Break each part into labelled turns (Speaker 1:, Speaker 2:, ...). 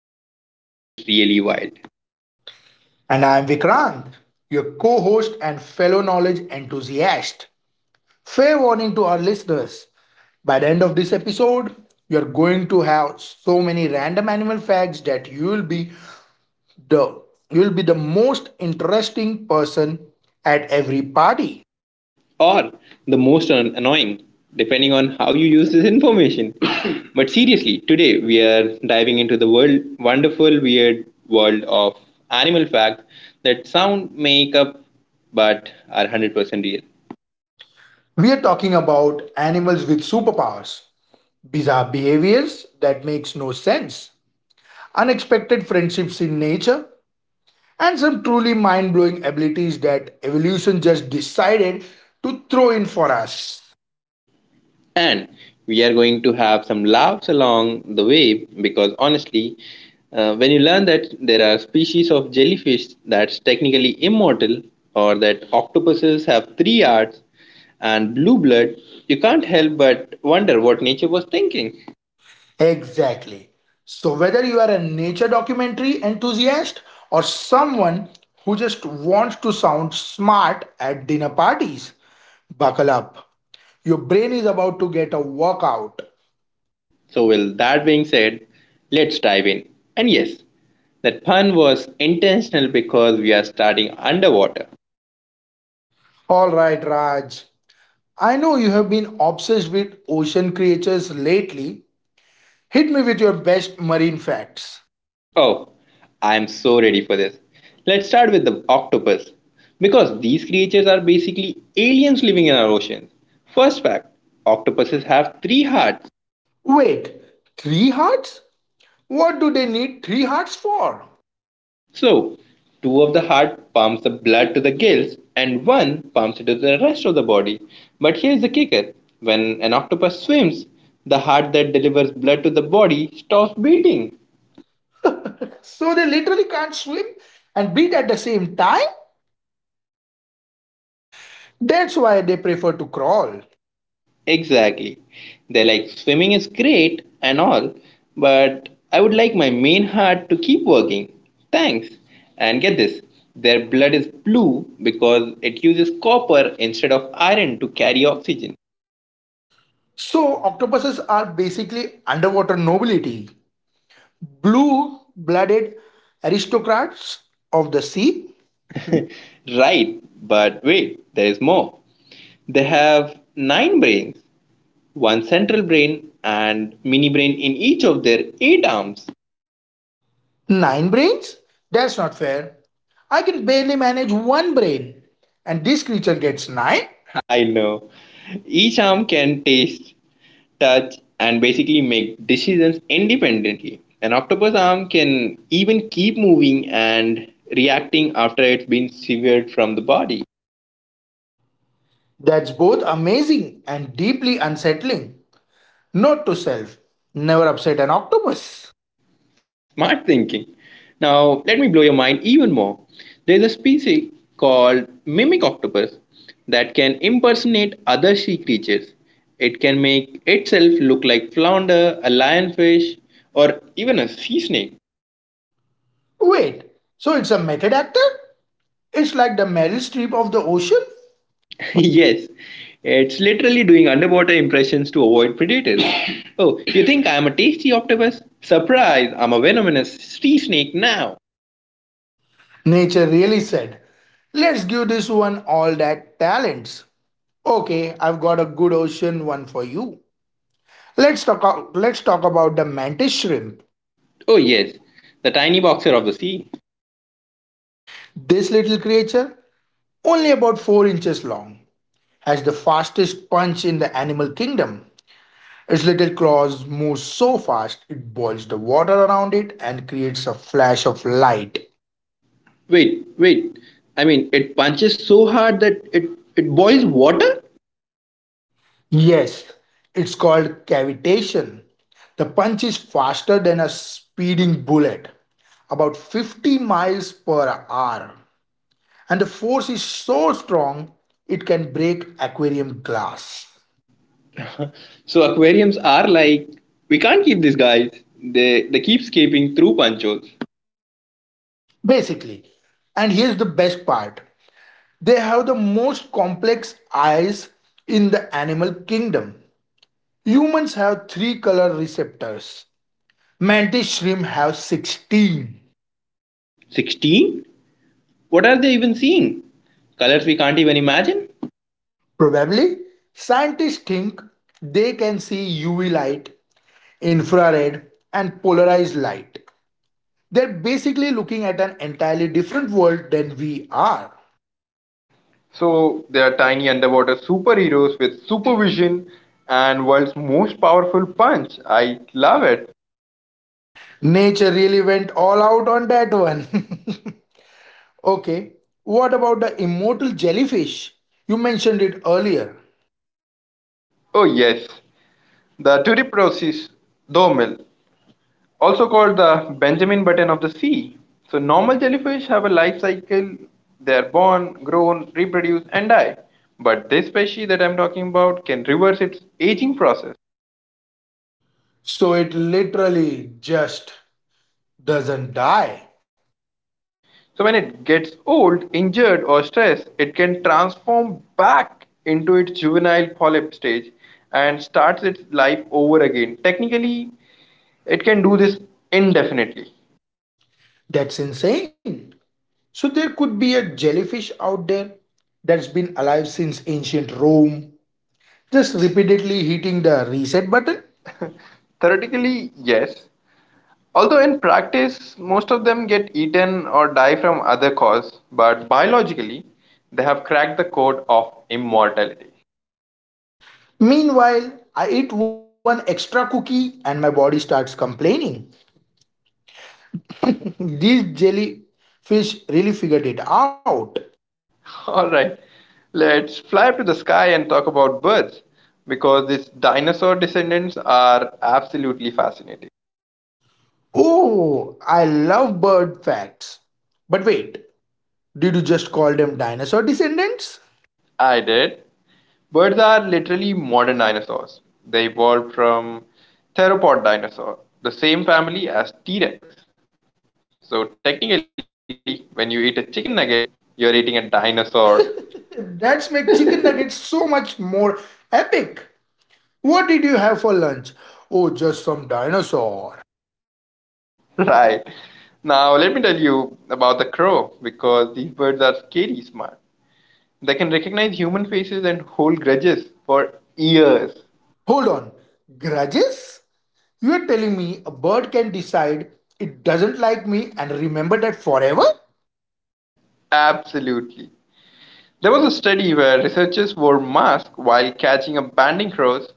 Speaker 1: you, nature is really wild.
Speaker 2: And I am Vikrant, your co host and fellow knowledge enthusiast. Fair warning to our listeners, by the end of this episode, you're going to have so many random animal facts that you will be the you'll be the most interesting person at every party.
Speaker 1: Or the most annoying, depending on how you use this information. But seriously, today we are diving into the wonderful, weird world of animal facts that sound make up but are 100% real.
Speaker 2: We are talking about animals with superpowers, bizarre behaviors that makes no sense, unexpected friendships in nature, and some truly mind blowing abilities that evolution just decided to throw in for us.
Speaker 1: And we are going to have some laughs along the way because honestly, when you learn that there are species of jellyfish that's technically immortal or that octopuses have three hearts and blue blood, you can't help but wonder what nature was thinking.
Speaker 2: Exactly. So, whether you are a nature documentary enthusiast or someone who just wants to sound smart at dinner parties, buckle up. Your brain is about to get a workout.
Speaker 1: So, with that being said, let's dive in. And yes, that pun was intentional because we are starting underwater.
Speaker 2: All right, Raj. I know you have been obsessed with ocean creatures lately. Hit me with your best marine facts.
Speaker 1: Oh, I'm so ready for this. Let's start with the octopus. Because these creatures are basically aliens living in our oceans. First fact, octopuses have three hearts.
Speaker 2: Wait, three hearts? What do they need three hearts for?
Speaker 1: So, two of the heart pumps the blood to the gills and one pumps it to the rest of the body. But here's the kicker, when an octopus swims, the heart that delivers blood to the body stops beating.
Speaker 2: So they literally can't swim and breathe at the same time. That's why they prefer to crawl.
Speaker 1: Exactly. They're like, swimming is great and all, but I would like my main heart to keep working. Thanks. And get this, their blood is blue because it uses copper instead of iron to carry oxygen.
Speaker 2: So octopuses are basically underwater nobility. Blue blooded aristocrats of the sea.
Speaker 1: Right, but wait, there is more. They have nine brains, one central brain, and mini brain in each of their eight arms.
Speaker 2: Nine brains? That's not fair. I can barely manage one brain. And this creature gets nine?
Speaker 1: I know. Each arm can taste, touch, and basically make decisions independently. An octopus arm can even keep moving and reacting after it's been severed from the body.
Speaker 2: That's both amazing and deeply unsettling. Note to self, never upset an octopus.
Speaker 1: Smart thinking. Now, let me blow your mind even more. There's a species called mimic octopus that can impersonate other sea creatures. It can make itself look like flounder, a lionfish, or even a sea snake.
Speaker 2: Wait, so it's a method actor? It's like the Meryl Streep of the ocean?
Speaker 1: Yes, it's literally doing underwater impressions to avoid predators. Oh, you think I'm a tasty octopus? Surprise, I'm a venomous sea snake now.
Speaker 2: Nature really said, let's give this one all that talents. Okay, I've got a good ocean one for you. Let's talk, let's talk about the mantis shrimp.
Speaker 1: Oh, yes, the tiny boxer of the sea.
Speaker 2: This little creature, only about 4 inches long, has the fastest punch in the animal kingdom. Its little claws move so fast it boils the water around it and creates a flash of light.
Speaker 1: Wait. I mean, it punches so hard that it boils water?
Speaker 2: Yes, it's called cavitation. The punch is faster than a speeding bullet, about 50 miles per hour. And the force is so strong, it can break aquarium glass.
Speaker 1: So, aquariums are like, we can't keep these guys. They keep escaping through punch holes.
Speaker 2: Basically, and here's the best part, they have the most complex eyes in the animal kingdom. Humans have three color receptors, mantis shrimp have 16.
Speaker 1: 16? What are they even seeing? Colors we can't even imagine?
Speaker 2: Probably, scientists think they can see UV light, infrared, and polarized light. They're basically looking at an entirely different world than we are.
Speaker 1: So they are tiny underwater superheroes with supervision and world's most powerful punch. I love it.
Speaker 2: Nature really went all out on that one. Okay, what about the immortal jellyfish? You mentioned it earlier.
Speaker 1: Oh yes, the Turiporosis dormil, also called the Benjamin Button of the sea. So normal jellyfish have a life cycle. They are born, grown, reproduce, and die. But this species that I'm talking about can reverse its aging process.
Speaker 2: So it literally just doesn't die.
Speaker 1: So when it gets old, injured, or stressed, it can transform back into its juvenile polyp stage and starts its life over again. Technically, it can do this indefinitely.
Speaker 2: That's insane. So there could be a jellyfish out there that's been alive since ancient Rome, just repeatedly hitting the reset button.
Speaker 1: Theoretically, yes. Although in practice, most of them get eaten or die from other cause, but biologically, they have cracked the code of immortality.
Speaker 2: Meanwhile, I eat one extra cookie and my body starts complaining. These jellyfish really figured it out.
Speaker 1: All right, let's fly up to the sky and talk about birds because these dinosaur descendants are absolutely fascinating.
Speaker 2: Oh, I love bird facts. But wait, did you just call them dinosaur descendants?
Speaker 1: I did. Birds are literally modern dinosaurs. They evolved from theropod dinosaur, the same family as T Rex. So technically, when you eat a chicken nugget, you're eating a dinosaur.
Speaker 2: That's make chicken nuggets so much more epic. What did you have for lunch? Oh, just some dinosaur.
Speaker 1: Right. Now let me tell you about the crow because these birds are scary smart. They can recognize human faces and hold grudges for years.
Speaker 2: Hold on. Grudges? You are telling me a bird can decide it doesn't like me and remember that forever?
Speaker 1: Absolutely. There was a study where researchers wore masks while catching up banding crows.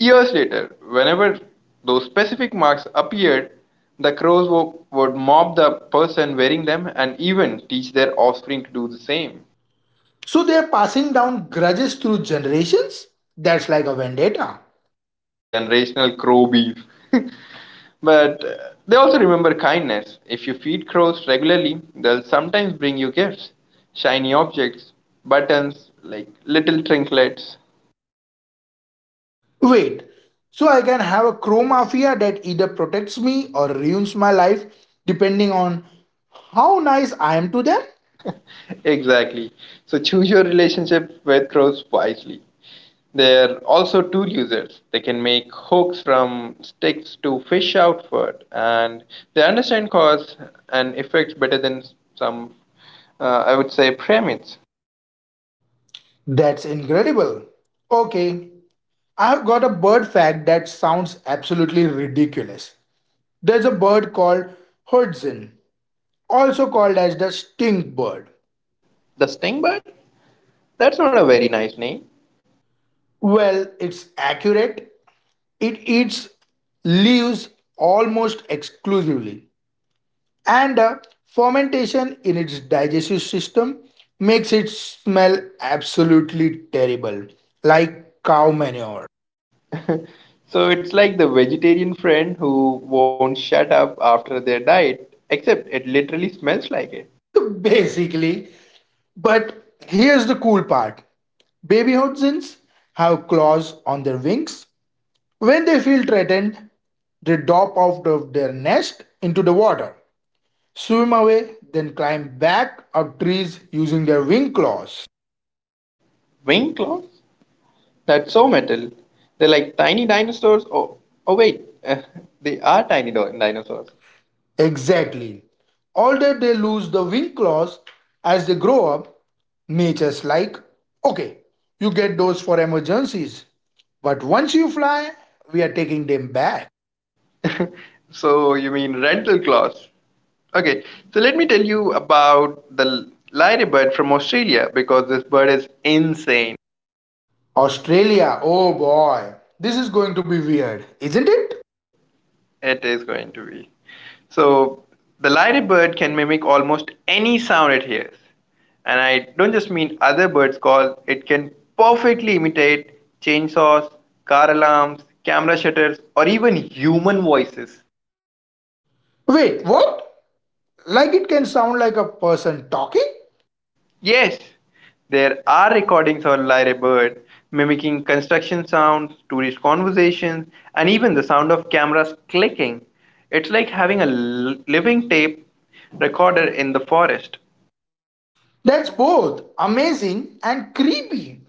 Speaker 1: Years later, whenever those specific marks appeared, the would mob the person wearing them and even teach their offspring to do the same.
Speaker 2: So they are passing down grudges through generations? That's like a vendetta.
Speaker 1: Generational crow beef. But they also remember kindness. If you feed crows regularly, they'll sometimes bring you gifts, shiny objects, buttons, like little trinkets.
Speaker 2: Wait, so I can have a crow mafia that either protects me or ruins my life depending on how nice I am to them?
Speaker 1: Exactly. So choose your relationship with crows wisely. They're also tool users. They can make hooks from sticks to fish out food, and they understand cause and effects better than some, I would say, primates.
Speaker 2: That's incredible. Okay, I've got a bird fact that sounds absolutely ridiculous. There's a bird called Hudson, also called as the stink bird.
Speaker 1: The stingbird? That's not a very nice name.
Speaker 2: Well, it's accurate. It eats leaves almost exclusively, and the fermentation in its digestive system makes it smell absolutely terrible, like cow manure.
Speaker 1: So it's like the vegetarian friend who won't shut up after their diet, except it literally smells like it.
Speaker 2: Basically, but here's the cool part, baby hodzins have claws on their wings. When they feel threatened, they drop out of their nest into the water, swim away, then climb back up trees using their wing claws.
Speaker 1: Wing clouds? That's so metal. They're like tiny dinosaurs. Oh, oh wait, they are tiny dinosaurs.
Speaker 2: Exactly. Although they lose the wing claws as they grow up, nature's like, okay, you get those for emergencies, but once you fly, we are taking them back.
Speaker 1: So you mean rental claws? Okay, so let me tell you about the lyrebird from Australia because this bird is insane.
Speaker 2: Australia, oh boy. This is going to be weird, isn't it?
Speaker 1: It is going to be. So the lyrebird can mimic almost any sound it hears. And I don't just mean other birds' calls. It can perfectly imitate chainsaws, car alarms, camera shutters, or even human voices.
Speaker 2: Wait, what? Like it can sound like a person talking?
Speaker 1: Yes, there are recordings of lyrebird mimicking construction sounds, tourist conversations, and even the sound of cameras clicking. It's like having a living tape recorder in the forest.
Speaker 2: That's both amazing and creepy.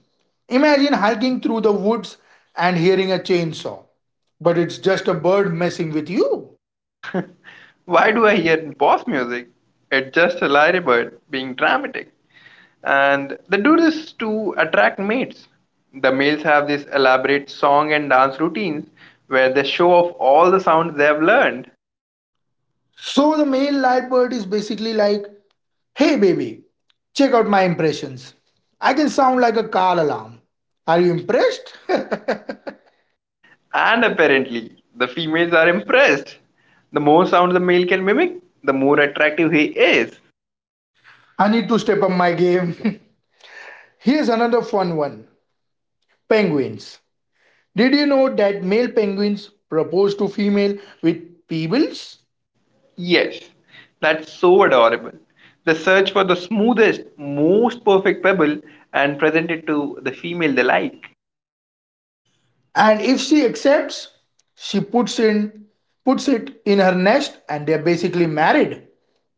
Speaker 2: Imagine hiking through the woods and hearing a chainsaw, but it's just a bird messing with you.
Speaker 1: Why do I hear boss music? It's just a ladybird being dramatic. And they do this to attract mates. The males have these elaborate song and dance routines where they show off all the sounds they have learned.
Speaker 2: So the male light bird is basically like, hey baby, check out my impressions. I can sound like a car alarm. Are you impressed? I
Speaker 1: And apparently, the females are impressed. The more sounds the male can mimic, the more attractive he is.
Speaker 2: need to step up my game. Here's another fun one, penguins. Did you know that male penguins propose to female with pebbles?
Speaker 1: Yes, that's so adorable. They search for the smoothest, most perfect pebble and present it to the female they like.
Speaker 2: And if she accepts, she puts in puts it in her nest and they're basically married.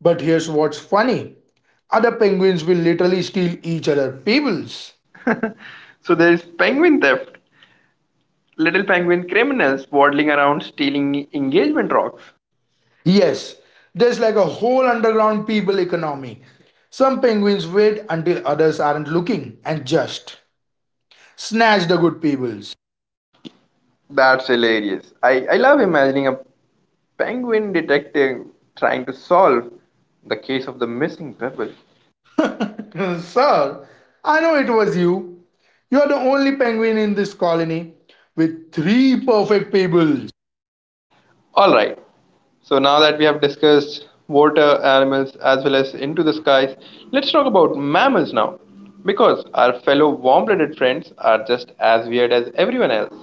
Speaker 2: But here's what's funny. Other penguins will literally steal each other pebbles.
Speaker 1: So there's penguin theft. Little penguin criminals waddling around stealing engagement rocks.
Speaker 2: Yes, there's like a whole underground pebble economy. Some penguins wait until others aren't looking and just snatch the good pebbles.
Speaker 1: That's hilarious. I love imagining a penguin detective trying to solve the case of the missing pebble.
Speaker 2: Sir, I know it was you. You are the only penguin in this colony with three perfect pebbles.
Speaker 1: Alright, so now that we have discussed water animals as well as into the skies, let's talk about mammals now. Because our fellow warm blooded friends are just as weird as everyone else.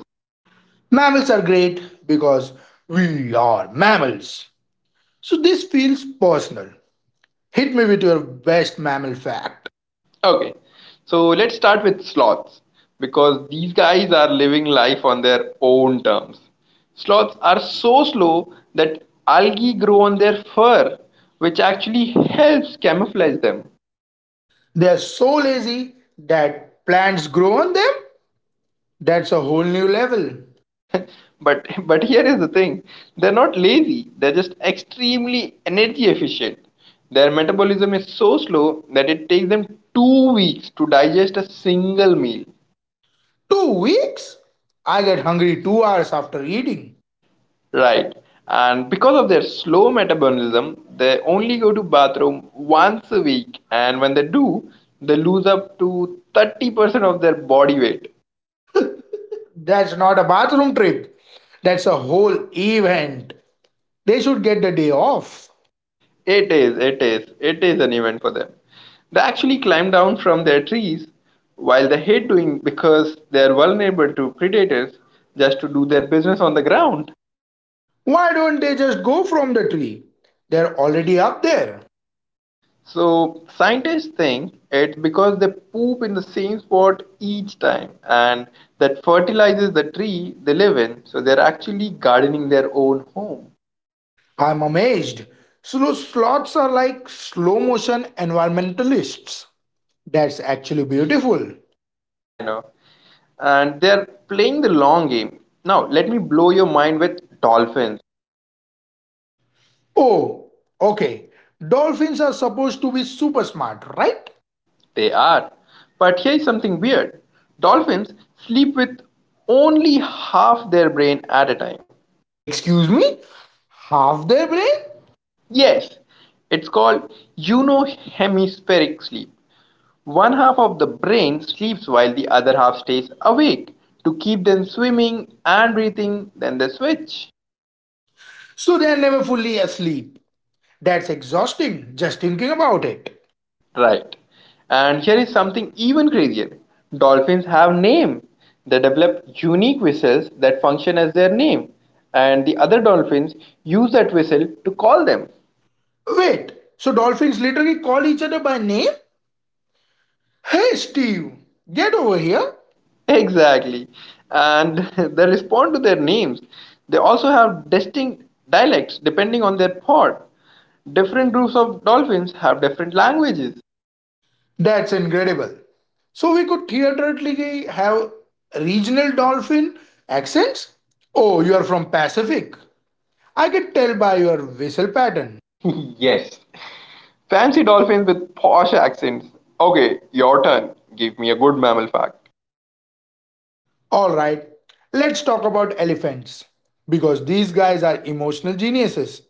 Speaker 2: Mammals are great because we are mammals. So this feels personal. Hit me with your best mammal fact.
Speaker 1: Okay, so let's start with sloths because these guys are living life on their own terms. Sloths are so slow that algae grow on their fur, which actually helps camouflage them.
Speaker 2: They are so lazy that plants grow on them. That's a whole new level.
Speaker 1: But but here is the thing: they're not lazy; they're just extremely energy efficient. Their metabolism is so slow that it takes them 2 weeks to digest a single meal.
Speaker 2: 2 weeks? I get hungry 2 hours after eating.
Speaker 1: Right. And because of their slow metabolism, they only go to bathroom once a week and when they do, they lose up to 30% of their body weight.
Speaker 2: That's not a bathroom trip. That's a whole event. They should get the day off.
Speaker 1: It is an event for them. They actually climb down from their trees while they hate doing because they are vulnerable to predators just to do their business on the ground.
Speaker 2: Why don't they just go from the tree? They're already up there.
Speaker 1: So scientists think it's because they poop in the same spot each time and that fertilizes the tree they live in. So they're actually gardening their own home.
Speaker 2: I'm amazed. Slow sloths are like slow motion environmentalists. That's actually beautiful.
Speaker 1: I know. And they're playing the long game. Now, let me blow your mind with dolphins.
Speaker 2: Oh, okay. Dolphins are supposed to be super smart, right?
Speaker 1: They are. But here's something weird. Dolphins sleep with only half their brain at a time.
Speaker 2: Excuse me? Half their brain?
Speaker 1: Yes, it's called unohemispheric sleep. One half of the brain sleeps while the other half stays awake to keep them swimming and breathing. Then they switch.
Speaker 2: So they're never fully asleep. That's exhausting just thinking about it.
Speaker 1: Right. And here is something even crazier. Dolphins have name. They develop unique whistles that function as their name, and the other dolphins use that whistle to call them.
Speaker 2: Wait, so dolphins literally call each other by name? Hey Steve, get over here.
Speaker 1: Exactly. And they respond to their names. They also have distinct dialects depending on their pod. Different groups of dolphins have different languages.
Speaker 2: That's incredible. So we could theatrically have regional dolphin accents? Oh, you are from Pacific. I could tell by your whistle pattern.
Speaker 1: Yes. Fancy dolphins with posh accents. Okay, your turn. Give me a good mammal fact.
Speaker 2: All right, let's talk about elephants because these guys are emotional geniuses.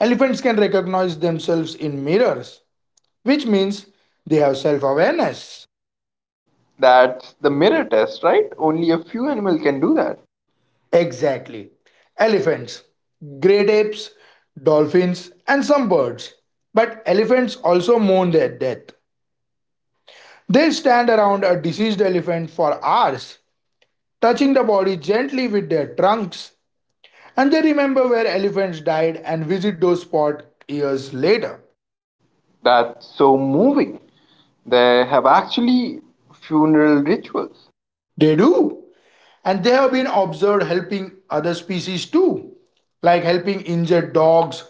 Speaker 2: Elephants can recognize themselves in mirrors, which means they have self-awareness.
Speaker 1: That's the mirror test, right? Only a few animals can do that.
Speaker 2: Exactly. Elephants, great apes, dolphins, and some birds. But elephants also mourn their death. They stand around a deceased elephant for hours, touching the body gently with their trunks, and they remember where elephants died and visit those spots years later.
Speaker 1: That's so moving. They have actually funeral rituals.
Speaker 2: They do. And they have been observed helping other species too, like helping injured dogs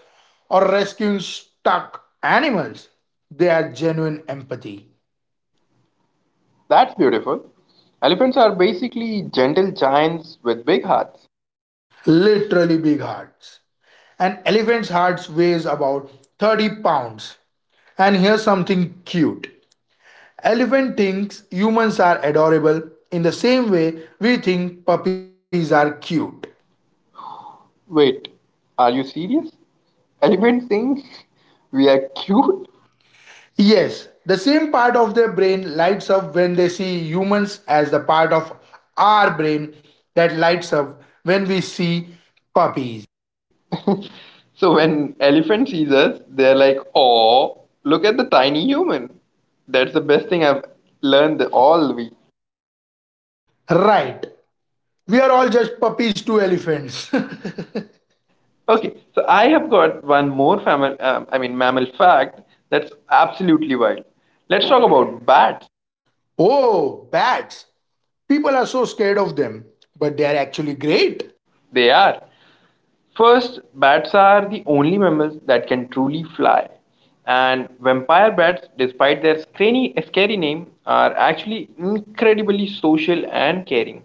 Speaker 2: or rescuing stuck animals. They are genuine empathy,
Speaker 1: That's beautiful. Elephants are basically gentle giants with big hearts.
Speaker 2: literally big hearts. An elephant's heart weighs about 30 pounds. And here's something cute. Elephant thinks humans are adorable in the same way we think puppies are cute.
Speaker 1: Wait, are you serious? Elephant thinks we are cute?
Speaker 2: Yes, the same part of their brain lights up when they see humans as the part of our brain that lights up when we see puppies.
Speaker 1: So when elephant sees us, they're like, "Oh, look at the tiny human." That's the best thing I've learned all week.
Speaker 2: Right. We are all just puppies to elephants.
Speaker 1: Okay, so I have got one more family. I mean mammal fact that's absolutely wild. Let's talk about bats.
Speaker 2: Oh, bats. People are so scared of them, but they are actually great.
Speaker 1: They are. First, bats are the only mammals that can truly fly, and vampire bats, despite their scary name, are actually incredibly social and caring.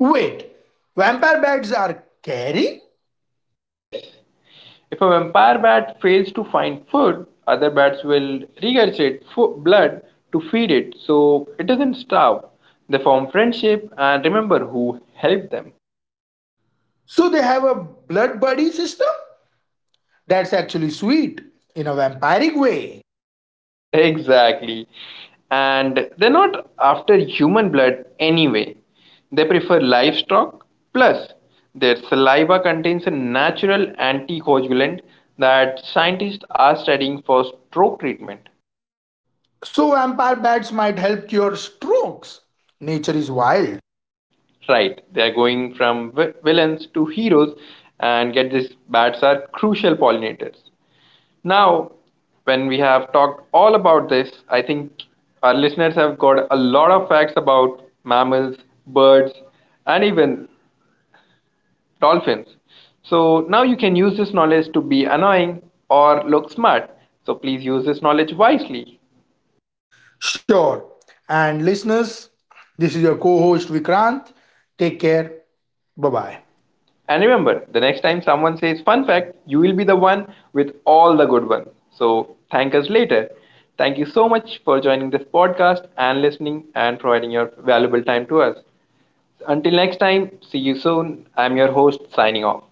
Speaker 2: Wait, vampire bats are caring?
Speaker 1: Yes, if a vampire bat fails to find food, other bats will regurgitate blood to feed it so it doesn't starve. They form friendship and remember who helped them.
Speaker 2: So they have a blood buddy system? That's actually sweet in a vampiric way.
Speaker 1: Exactly. And they're not after human blood anyway. They prefer livestock, plus, their saliva contains a natural anticoagulant that scientists are studying for stroke treatment.
Speaker 2: So, vampire bats might help cure strokes. Nature is wild.
Speaker 1: Right, they are going from villains to heroes, and get this, bats are crucial pollinators. Now, when we have talked all about this, I think our listeners have got a lot of facts about mammals, birds, and even dolphins. So now you can use this knowledge to be annoying or look smart. So please use this knowledge wisely.
Speaker 2: Sure. And listeners, this is your co host Vikrant. Take care. Bye bye.
Speaker 1: And remember, the next time someone says fun fact, you will be the one with all the good ones. So thank us later. Thank you so much for joining this podcast and listening and providing your valuable time to us. Until next time, see you soon. I'm your host signing off.